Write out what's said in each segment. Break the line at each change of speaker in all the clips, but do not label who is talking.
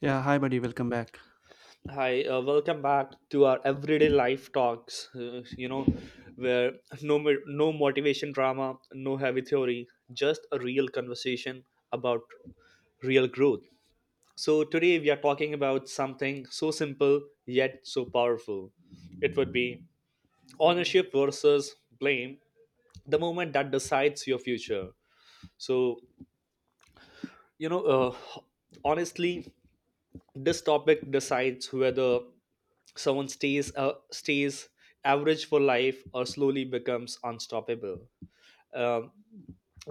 Yeah, hi buddy, welcome back.
Hi, welcome back to our everyday life talks. You know, where no mo- No motivation drama, no heavy theory, just a real conversation about real growth. So today we are talking about something so simple yet so powerful. It would be ownership versus blame, the moment that decides your future. So you know, uh, honestly, this topic decides whether someone stays average for life or slowly becomes unstoppable. um,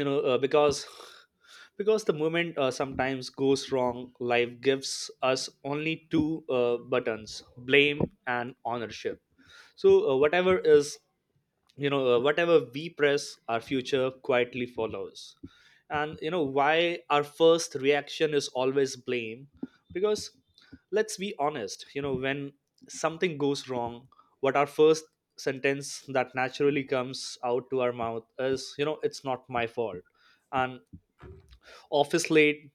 you know uh, because because the moment sometimes goes wrong, life gives us only two buttons: blame and ownership. So whatever is you know whatever we press, our future quietly follows. And you know why our first reaction is always blame? Because, let's be honest, you know, when something goes wrong, what our first sentence that naturally comes out to our mouth is, you know, it's not my fault. And office late,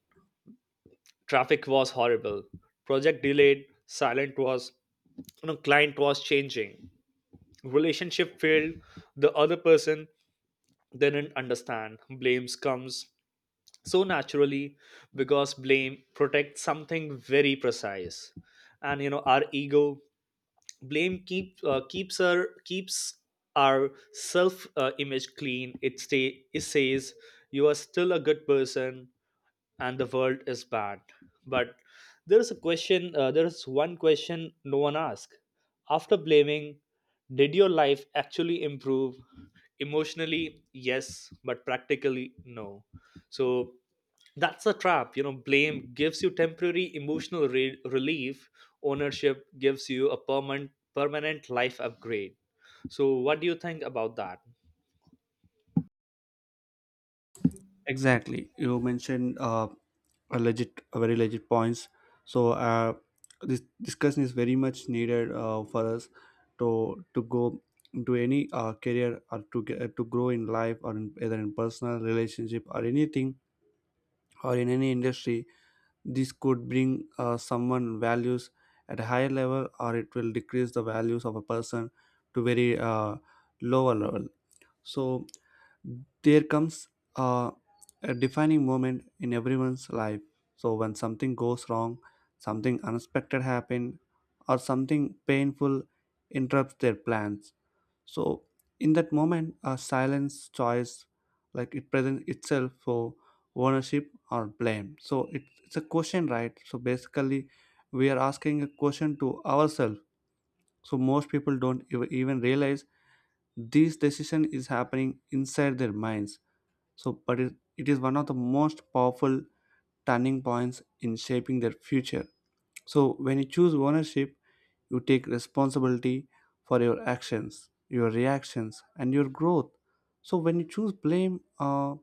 traffic was horrible, project delayed, silent was, you know, client was changing, relationship failed, the other person, they didn't understand. Blames comes so naturally because blame protects something very precise, and you know, our ego. Blame keeps our self image clean. It stay, it says you are still a good person and the world is bad. But there is a question, there is one question no one asks. After blaming, did your life actually improve? Emotionally, yes, but practically, no. So that's a trap. You know, blame gives you temporary emotional relief, ownership gives you a permanent life upgrade. So, what do you think about that?
Exactly, you mentioned a legit, a very legit points. So uh, this discussion is very much needed for us to go into any career or to get, to grow in life or in, either in personal relationship or anything or in any industry. This could bring someone values at a higher level, or it will decrease the values of a person to very lower level. So there comes uh, a defining moment in everyone's life. So when something goes wrong, something unexpected happens, or something painful interrupts their plans, so in that moment a silence choice, like it presents itself for ownership or blame. So it's a question, right? So basically we are asking a question to ourselves. So most people don't even realize this decision is happening inside their minds. So But it is one of the most powerful turning points in shaping their future. So when you choose ownership, you take responsibility for your actions, your reactions, and your growth. So when you choose blame,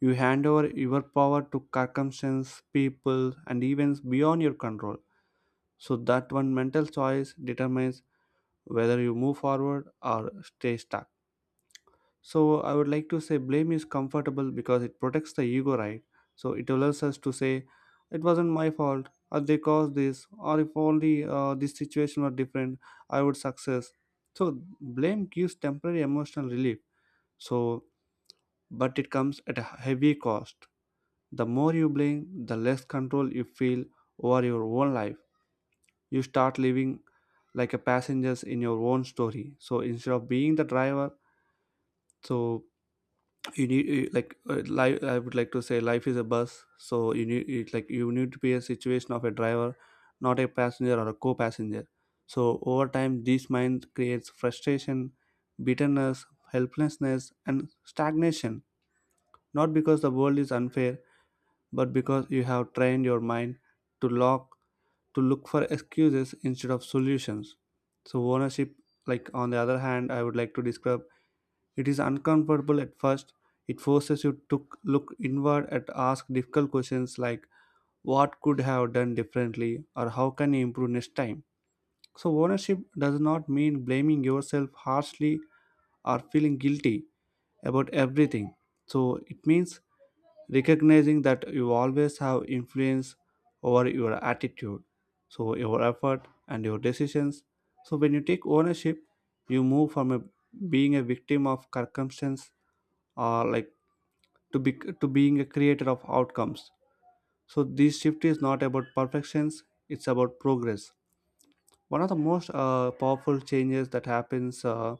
you hand over your power to circumstances, people, and events beyond your control. So that one mental choice determines whether you move forward or stay stuck. So I would like to say blame is comfortable because it protects the ego, right? So it allows us to say it wasn't my fault, or they caused this, or if only this situation were different, I would success. So blame gives temporary emotional relief. So, but it comes at a heavy cost. The more you blame, the less control you feel over your own life. You start living like a passengers in your own story. So instead of being the driver, so you need you- like life, I would like to say, life is a bus. So you need it, like you need to be a situation of a driver, not a passenger or a co-passenger. So over time this mind creates frustration, bitterness, helplessness, and stagnation, not because the world is unfair, but because you have trained your mind to lock to look for excuses instead of solutions. So ownership, like on the other hand I would like to describe, it is uncomfortable at first. It forces you to look inward and ask difficult questions like what could have done differently or how can you improve next time. So ownership does not mean blaming yourself harshly or feeling guilty about everything. So it means recognizing that you always have influence over your attitude, so your effort and your decisions. So when you take ownership, you move from a, being a victim of circumstance, or like to be, to being a creator of outcomes. So this shift is not about perfections, it's about progress. One of the most powerful changes that happens,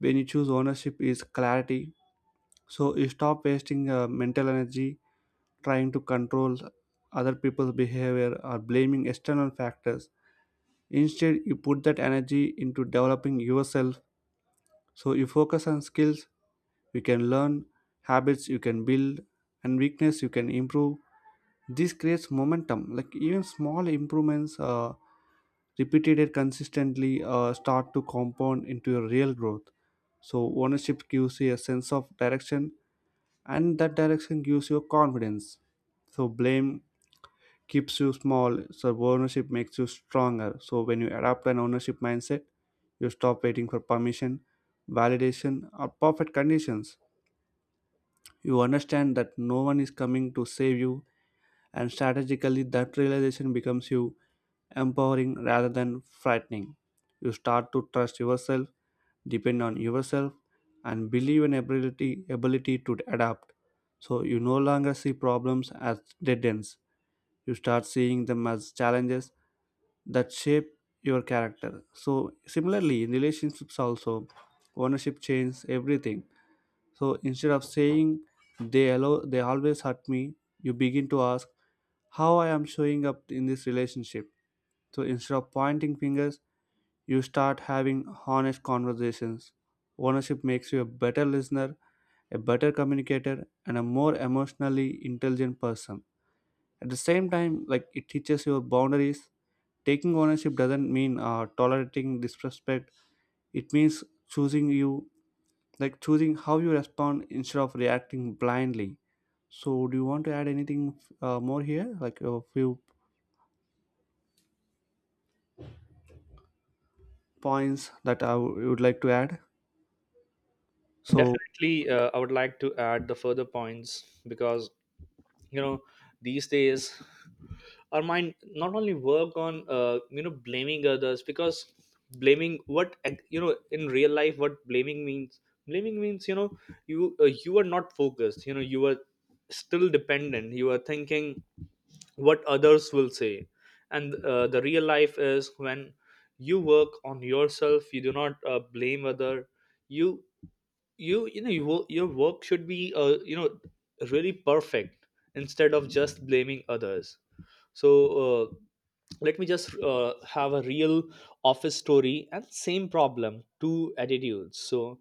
when you choose ownership is clarity. So you stop wasting mental energy trying to control other people's behavior or blaming external factors. Instead you put that energy into developing yourself. So you focus on skills you can learn, habits you can build, and weakness you can improve. This creates momentum, like even small improvements, repeated it consistently, start to compound into a real growth. So ownership gives you a sense of direction, and that direction gives you confidence. So blame keeps you small, so ownership makes you stronger. So when you adopt an ownership mindset, you stop waiting for permission, validation, or perfect conditions. You understand that no one is coming to save you, and strategically that realization becomes you empowering rather than frightening. You start to trust yourself, depend on yourself, and believe in ability to adapt. So you no longer see problems as dead ends. You start seeing them as challenges that shape your character. So similarly, in relationships also, ownership changes everything. So instead of saying they always hurt me, you begin to ask how I am showing up in this relationship. So instead of pointing fingers, you start having honest conversations. Ownership makes you a better listener, a better communicator, and a more emotionally intelligent person. At the same time, like it teaches your boundaries. Taking ownership doesn't mean tolerating disrespect. It means choosing you, like choosing how you respond instead of reacting blindly. So, do you want to add anything more here, like a few points that I would like to add. So,
Definitely, I would like to add the further points because, you know, these days our mind not only work on you know, blaming others. Because blaming, what, you know, in real life, what blaming means, blaming means, you know, you are not focused, you know, you are still dependent, you are thinking what others will say. And the real life is when you work on yourself, you do not blame other. You you you know you, wo- your work should be, you know, really perfect instead of just blaming others. So uh, let me just have a real office story and same problem two attitudes. So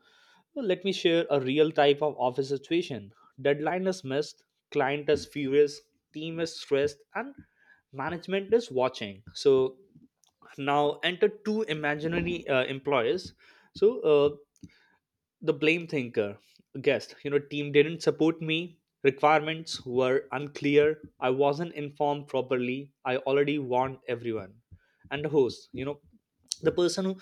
let me share a real type of office situation. Deadline is missed, client is furious, team is stressed, and management is watching. So now enter two imaginary employees. So the blame thinker, guest, you know, team didn't support me, requirements were unclear, I wasn't informed properly, I already warned everyone. And the host, you know, the person who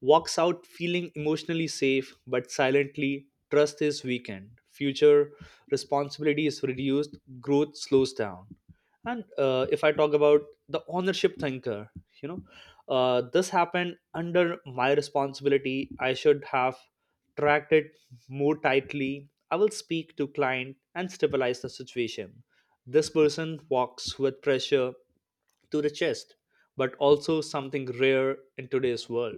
walks out feeling emotionally safe but silently trust is weakened, future responsibility is reduced, growth slows down. And if I talk about the ownership thinker, you know, this happened under my responsibility, I should have tracked it more tightly, I will speak to client and stabilize the situation. This person walks with pressure to the chest, but also something rare in today's world.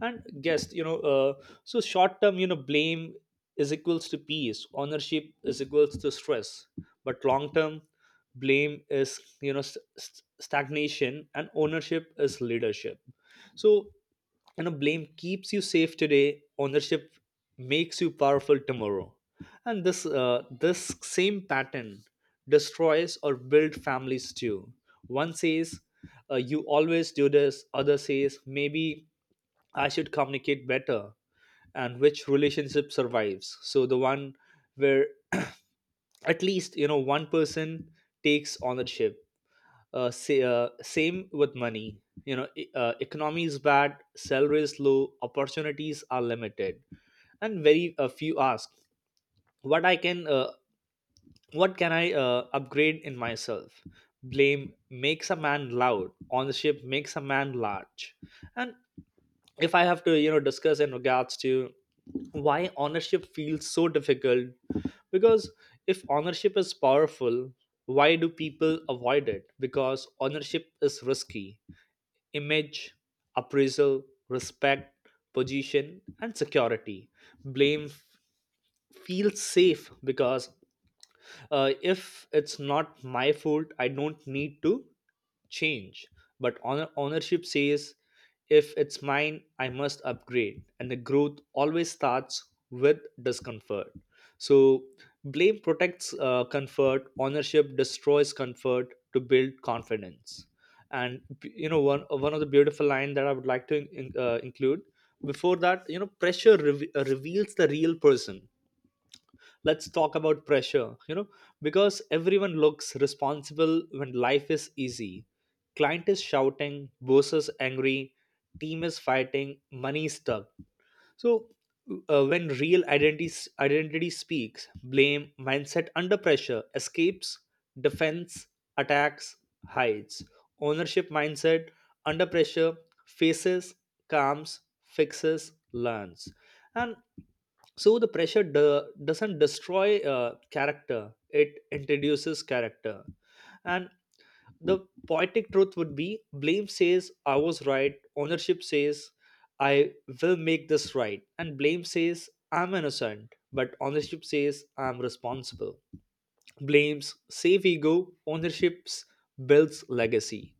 And guess, you know, so short term, you know, blame is equals to peace, ownership is equals to stress. But long term, blame is, you know, stagnation, and ownership is leadership. So you know, blame keeps you safe today, ownership makes you powerful tomorrow. And this same pattern destroys or build families too. One says, you always do this, other says, maybe I should communicate better. And which relationship survives? So the one where at least, you know, one person takes ownership. Same with money, you know, economy is bad, salary is low, opportunities are limited, and very few ask, what I can what can I upgrade in myself? Blame makes a man loud. Ownership makes a man large. And if I have to, you know, discuss in regards to why ownership feels so difficult, because if ownership is powerful, why do people avoid it? Because ownership is risky. Image, appraisal, respect, position, and security. Blame feels safe because, if it's not my fault, I don't need to change. But ownership says if it's mine, I must upgrade. And the growth always starts with discomfort. So, blame protects comfort, ownership destroys comfort to build confidence. And you know, one of the beautiful line that I would like to include. Before that, you know, reveals the real person. Let's talk about pressure, you know, because everyone looks responsible when life is easy. Client is shouting, boss is angry, team is fighting, money is stuck. So, when real identity speaks, blame mindset under pressure escapes, defense attacks, hides. Ownership mindset under pressure faces, calms, fixes, learns. And so the pressure doesn't destroy character; it introduces character. And the poetic truth would be, blame says I was right, ownership says I will make this right, and blame says I'm innocent, but ownership says I'm responsible. Blames save ego, ownerships builds legacy.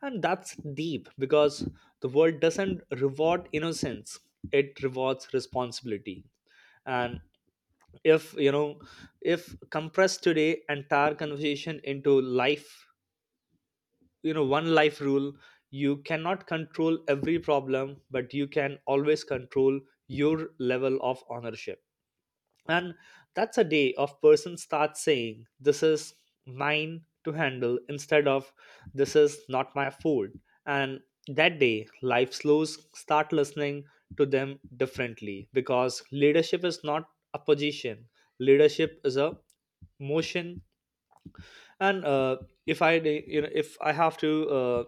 And that's deep because the world doesn't reward innocence, it rewards responsibility. And if, you know, if compressed today entire conversation into life, you know, one life rule: you cannot control every problem, but you can always control your level of ownership. And that's a day of person starts saying this is mine to handle instead of this is not my food. And that day life slows start listening to them differently, because leadership is not a position, leadership is a motion. And if you know, if I have to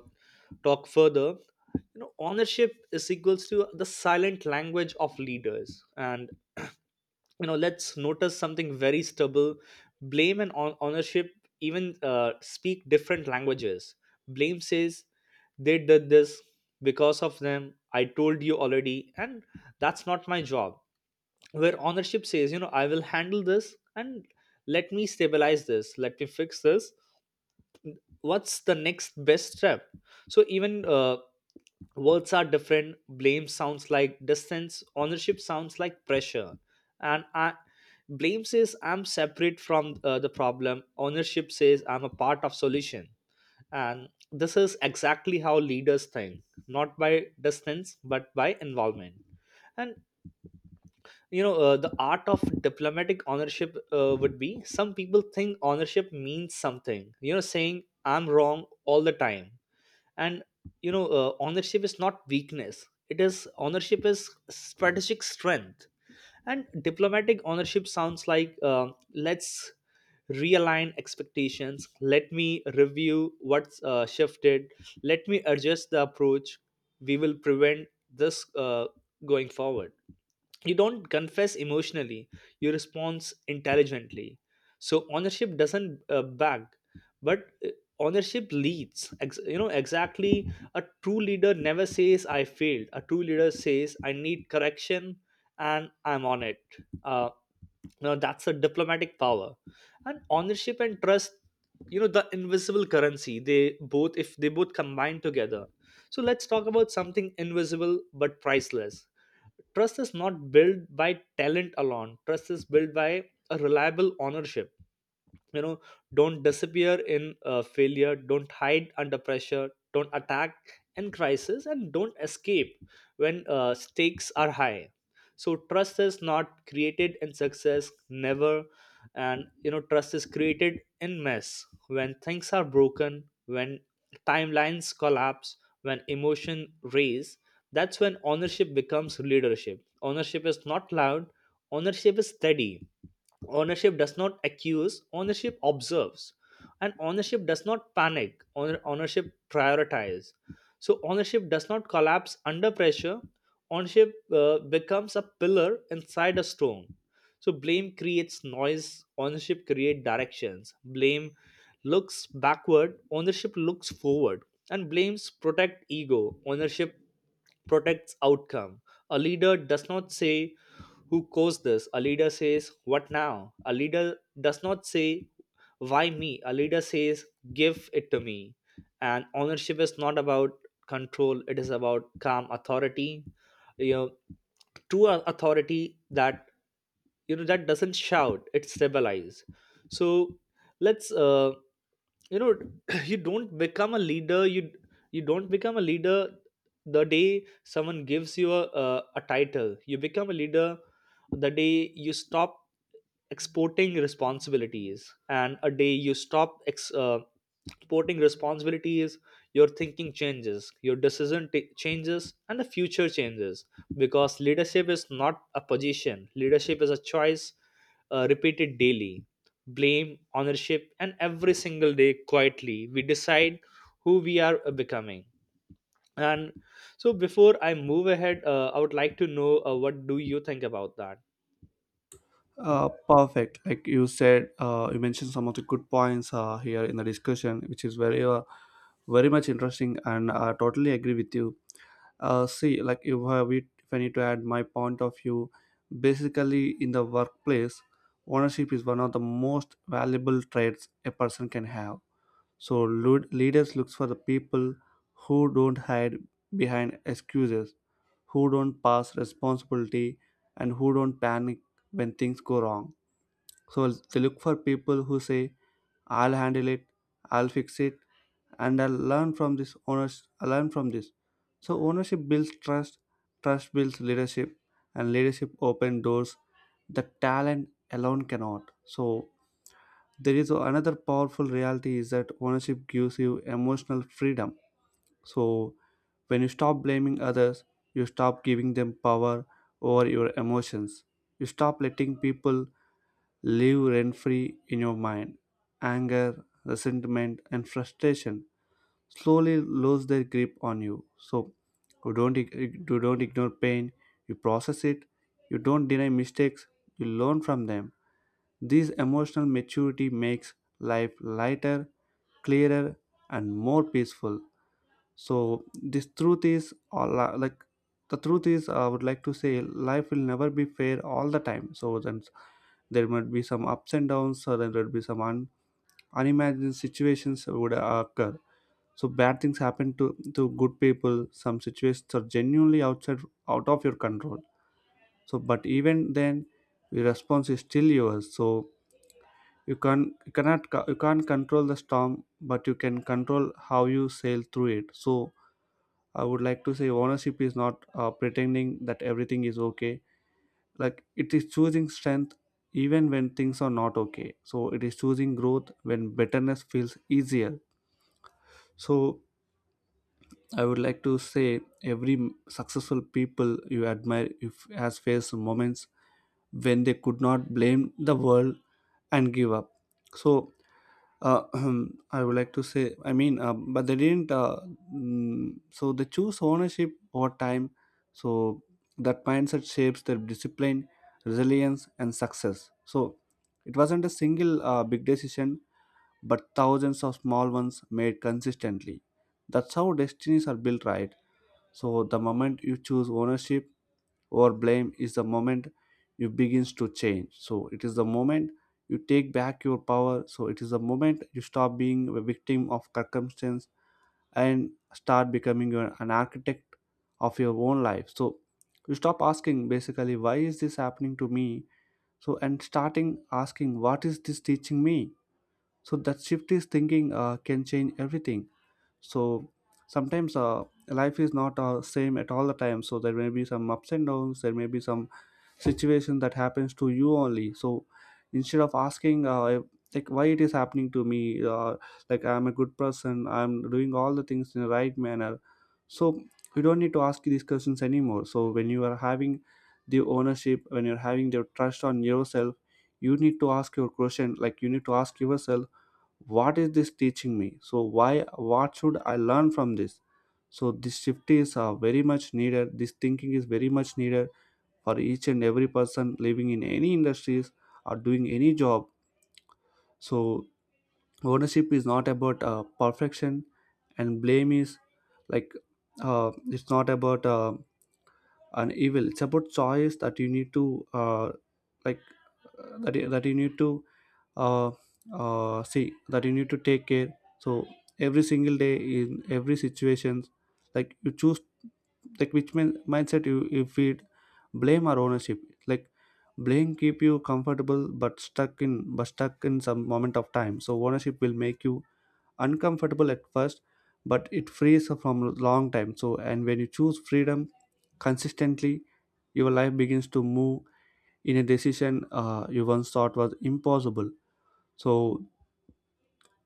talk further, you know, ownership is equals to the silent language of leaders. And you know, let's notice something very stubble. Blame and ownership even speak different languages. Blame says they did this because of them, I told you already, and that's not my job. Where ownership says, you know, I will handle this, and let me stabilize this, let me fix this, what's the next best step. So even words are different. Blame sounds like distance, ownership sounds like pressure. And I Blame says I'm separate from the problem, ownership says I'm a part of solution. And this is exactly how leaders think, not by distance but by involvement. And you know, the art of diplomatic ownership would be, some people think ownership means something, you know, saying I'm wrong all the time. And you know, ownership is not weakness, it is ownership is strategic strength. And diplomatic ownership sounds like, let's realign expectations, let me review what's shifted, let me adjust the approach, we will prevent this going forward. You don't confess emotionally, you respond intelligently. So ownership doesn't beg, but ownership leads. You know, exactly, a true leader never says I failed, a true leader says I need correction and I'm on it. uh, you know, that's a diplomatic power. And ownership and trust, you know, the invisible currency, they both if they both combine together. So let's talk about something invisible but priceless. Trust is not built by talent alone. Trust is built by a reliable ownership. You know, don't disappear in failure. Don't hide under pressure. Don't attack in crisis, and don't escape when stakes are high. So trust is not created in success, never. And you know, trust is created in mess, when things are broken, when timelines collapse, when emotion raise. That's when ownership becomes leadership. Ownership is not loud, ownership is steady. Ownership does not accuse, ownership observes. And ownership does not panic. Ownership prioritize. So ownership does not collapse under pressure, ownership becomes a pillar inside a storm. So blame creates noise, ownership creates directions. Blame looks backward, ownership looks forward. And blames protect ego, ownership protects outcome. A leader does not say, who caused this? A leader says, what now? A leader does not say, why me? A leader says, give it to me. And ownership is not about control, it is about calm authority. You know, true authority, that that doesn't shout, it stabilizes. So let's you know, you don't become a leader you you don't become a leader the day someone gives you a title. You become a leader the day you stop exporting responsibilities. And a day you stop exporting responsibilities, your thinking changes, your decision ta changes, and the future changes. Because leadership is not a position, leadership is a choice, repeated daily. Blame, ownership, and every single day quietly we decide who we are becoming. And so, before I move ahead, I would like to know what do you think about that?
perfect. Like you said, you mentioned some of the good points here in the discussion, which is very, very much interesting, and I totally agree with you. See, like if I need to add my point of view, basically in the workplace, ownership is one of the most valuable traits a person can have. So, leaders looks for the people who don't hide behind excuses, who don't pass responsibility, and who don't panic when things go wrong. So they look for people who say, I'll handle it, I'll fix it, and I'll learn from this owners I learn from this. So ownership builds trust, trust builds leadership, and leadership open doors that talent alone cannot. So there is another powerful reality is that ownership gives you emotional freedom. So, when you stop blaming others, you stop giving them power over your emotions. You stop letting people live rent free in your mind. Anger, resentment, and frustration slowly lose their grip on you. So, you don't, you don't ignore pain, you process it, you don't deny mistakes, you learn from them. This emotional maturity makes life lighter, clearer, and more peaceful. So this truth is all, like the truth is, I would like to say, life will never be fair all the time. So then there might be some ups and downs, or then there would be some unimagined situations would occur. So bad things happen to good people, some situations are genuinely outside, out of your control. So but even then your response is still yours. So you cannot you can't control the storm, but you can control how you sail through it. So I would like to say ownership is not pretending that everything is okay. Like it is choosing strength even when things are not okay. So it is choosing growth when bitterness feels easier. So I would like to say every successful people you admire if has faced moments when they could not blame the world and give up. So Uh, I would like to say, I mean, but they didn't. So they choose ownership over time. So that mindset shapes their discipline, resilience, and success. So it wasn't a single big decision, but thousands of small ones made consistently. That's how destinies are built, right? So the moment you choose ownership, or blame, is the moment you begins to change. So it is the moment you take back your power. So it is the moment you stop being a victim of circumstance and start becoming an architect of your own life. So you stop asking basically why is this happening to me. So and starting asking what is this teaching me. So that shift is thinking, can change everything. So sometimes, life is not same at all the time. So there may be some ups and downs, there may be some situation that happens to you only. So instead of asking, like why it is happening to me, like I'm a good person, I'm doing all the things in the right manner. So you don't need to ask these questions anymore. So when you are having the ownership, when you're having the trust on yourself, you need to ask your question, like you need to ask yourself, what is this teaching me? So why, what should I learn from this? So this shift is, very much needed. This thinking is very much needed for each and every person living in any industries or doing any job. So ownership is not about perfection, and blame is like, it's not about and evil, it's about choice that you need to uh, like that, that you need to uh, see that you need to take care. So every single day in every situation, like you choose like which mindset you feed, blame or ownership. Like blame keep you comfortable but stuck in, but stuck in some moment of time. So ownership will make you uncomfortable at first, but it frees from a long time. So and when you choose freedom consistently, your life begins to move in a decision, you once thought was impossible. So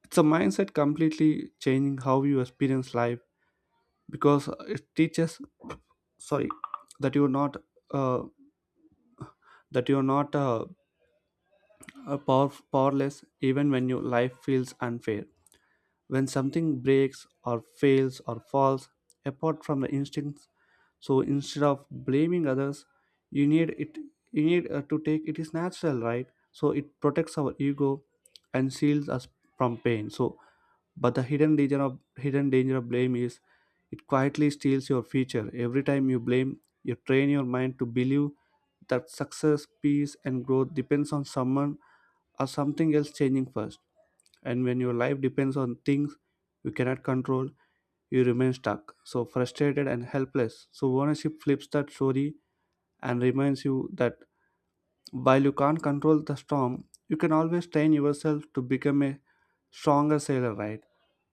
it's a mindset completely changing how you experience life, because it teaches, sorry, that you're not, uh, that you're not, powerless even when your life feels unfair. When something breaks or fails or falls apart from the instincts, so instead of blaming others, you need it you need to take, it is natural, right? So it protects our ego and shields us from pain. So but the hidden danger of blame is it quietly steals your future. Every time you blame, you train your mind to believe that success, peace, and growth depends on someone or something else changing first. And when your life depends on things you cannot control, you remain stuck, so frustrated and helpless. So ownership flips that story and reminds you that while you can't control the storm, you can always train yourself to become a stronger sailor, right?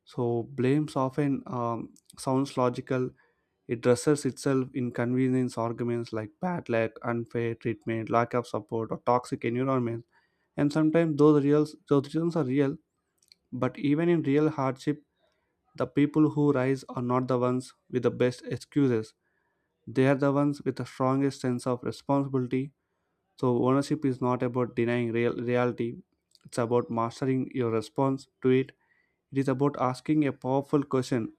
So blames often sounds logical. It dresses itself in convenience arguments like bad luck, unfair treatment, lack of support, or toxic environment. And sometimes those reasons are real. But even in real hardship, the people who rise are not the ones with the best excuses. They are the ones with the strongest sense of responsibility. So, ownership is not about denying reality, it's about mastering your response to it. It is about asking a powerful question,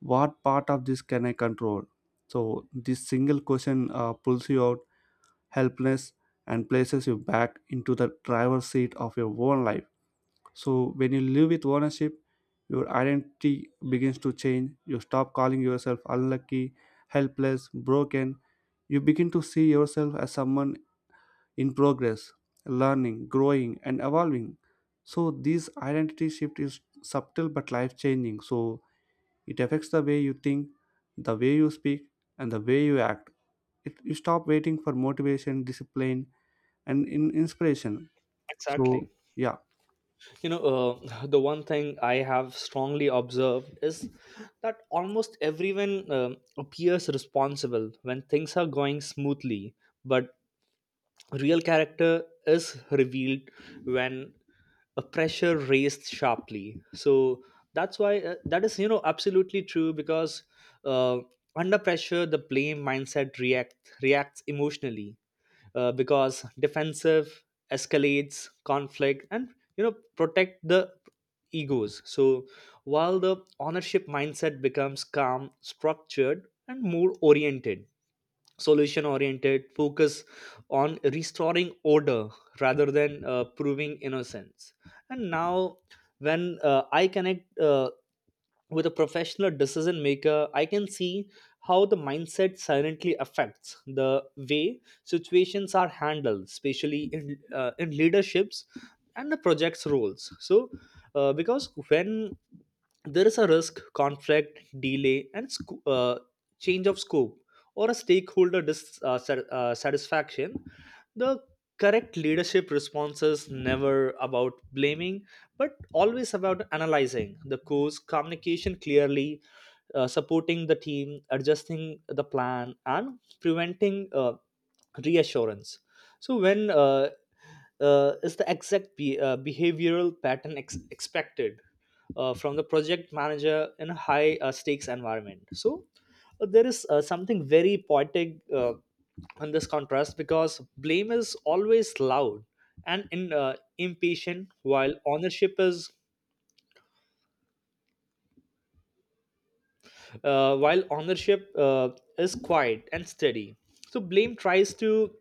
what part of this can I control? So, this single question pulls you out helpless and places you back into the driver's seat of your own life. So when you live with ownership, your identity begins to change. You stop calling yourself unlucky, helpless, broken. You begin to see yourself as someone in progress, learning, growing, and evolving. So this identity shift is subtle but life changing. So it affects the way you think, the way you speak, and the way you act. It, you stop waiting for motivation, discipline, and inspiration. So
Exactly.
yeah.
The one thing I have strongly observed is that almost everyone appears responsible when things are going smoothly, but real character is revealed when a pressure raised sharply. So that's why that is, you know, absolutely true because, uh, under pressure the blame mindset reacts emotionally, because defensive escalates conflict and, you know, protect the egos. So while the ownership mindset becomes calm, structured and more oriented, solution oriented, focus on restoring order rather than proving innocence. And now when I connect, with a professional decision maker, I can see how the mindset silently affects the way situations are handled, especially in leaderships and the project's roles. So, because when there is a risk, conflict, delay, and change of scope or a stakeholder dissatisfaction, satisfaction, the correct leadership response is never about blaming, but always about analyzing the cause, communication clearly, supporting the team, adjusting the plan, and preventing reassurance. So when is the exact behavioral pattern expected from the project manager in a high stakes environment? So there is something very poetic on this contrast because blame is always loud and impatient while ownership is, while ownership is quiet and steady. So blame tries to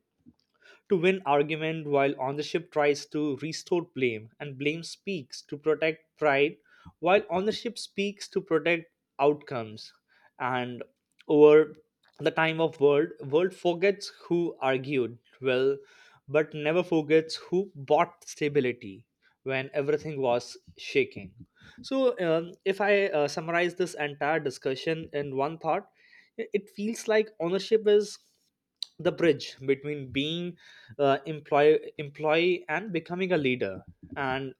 to win argument while on the ship tries to restore blame, and blame speaks to protect pride while on the ship speaks to protect outcomes. And over the time of world forgets who argued well but never forgets who bought stability when everything was shaking. So if I summarize this entire discussion in one thought, it feels like ownership is the bridge between being employee and becoming a leader. And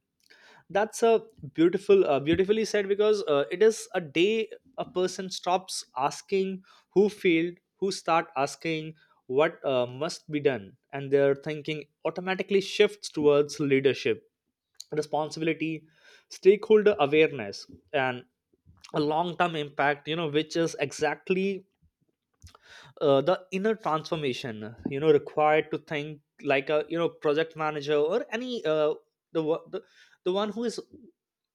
that's a beautifully said, because it is a day a person stops asking who failed, who start asking what must be done, and their thinking automatically shifts towards leadership, responsibility, stakeholder awareness, and a long term impact, you know, which is exactly the inner transformation, you know, required to think like a, you know, project manager or any, the, wo- the the one who is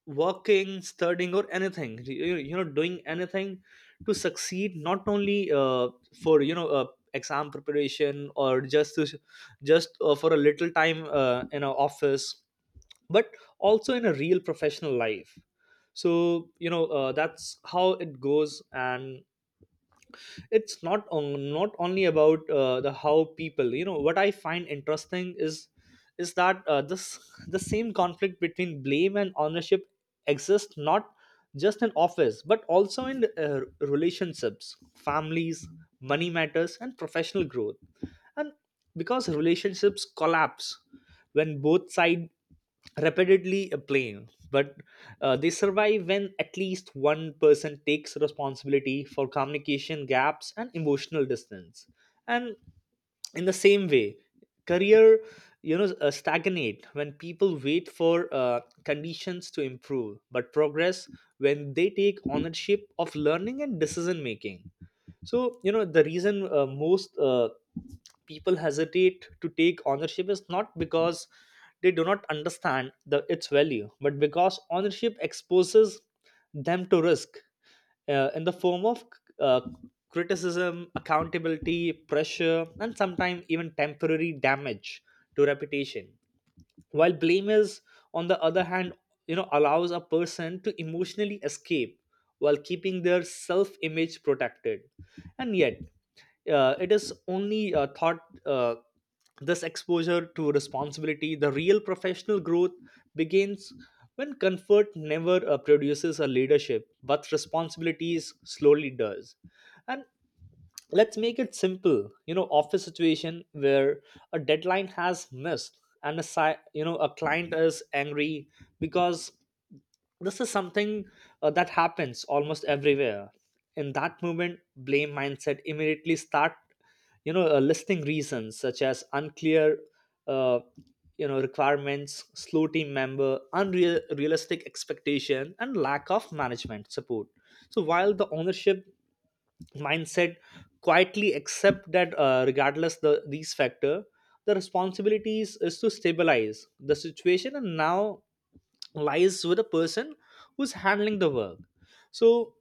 working, studying or anything you, you know, doing anything to succeed. Not only for, you know, exam preparation or just for a little time in an office, but also in a real professional life. So you know, that's how it goes. And it's not not only about the how people, you know, what I find interesting is that this the same conflict between blame and ownership exists not just in office but also in relationships, families, money matters and professional growth. And because relationships collapse when both sides repeatedly blame, but they survive when at least one person takes responsibility for communication gaps and emotional distance. And in the same way career, you know, stagnate when people wait for conditions to improve, but progress when they take ownership of learning and decision making. So you know the reason, most people hesitate to take ownership is not because they do not understand the its value, but because ownership exposes them to risk in the form of uh, criticism, accountability, pressure, and sometimes even temporary damage to reputation, while blame is, on the other hand, you know, allows a person to emotionally escape while keeping their self image protected. And yet it is only thought uh, this exposure to responsibility, the real professional growth begins. When comfort never produces a leadership, but responsibilities slowly does. And let's make it simple, you know, office situation where a deadline has missed and you know a client is angry, because this is something that happens almost everywhere. In that moment blame mindset immediately start, you know, listing reasons such as unclear uh, you know requirements, slow team member, unreal realistic expectation and lack of management support. So while the ownership mindset quietly accept that regardless the these factor, the responsibilities is to stabilize the situation and now lies with the person who's handling the work. So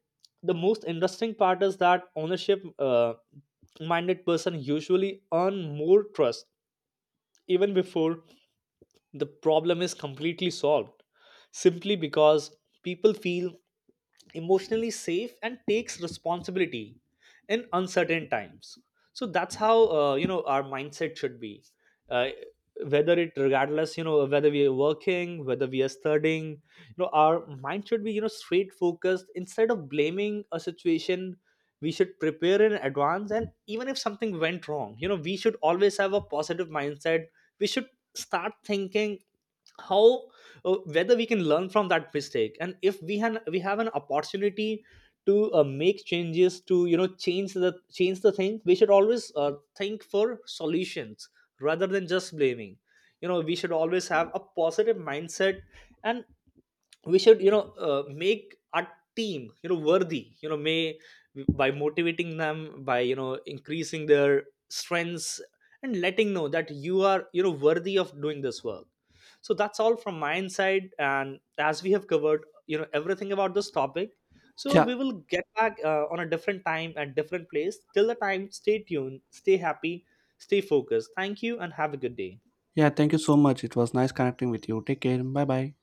the most interesting part is that ownership minded person usually earn more trust even before the problem is completely solved, simply because people feel emotionally safe and takes responsibility in uncertain times. So that's how, you know, our mindset should be, uh, whether it, regardless, you know, whether we are working, whether we are studying, you know, our mind should be, you know, straight focused instead of blaming a situation. We should prepare in advance and even if something went wrong, you know, we should always have a positive mindset. We should start thinking how whether we can learn from that mistake, and if we have an opportunity to make changes to, you know, change the thing, we should always think for solutions rather than just blaming. You know, we should always have a positive mindset. And we should, you know, make our team, you know, worthy, you know, may by motivating them, by, you know, increasing their strengths and letting know that you are, you know, worthy of doing this work. So that's all from my side, and as we have covered, you know, everything about this topic, so
Yeah,
we will get back on a different time and different place. Till the time, stay tuned, stay happy, stay focused, thank you and have a good day.
yeah, thank you so much. It was nice connecting with you. Take care. Bye bye.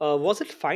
Was it fine?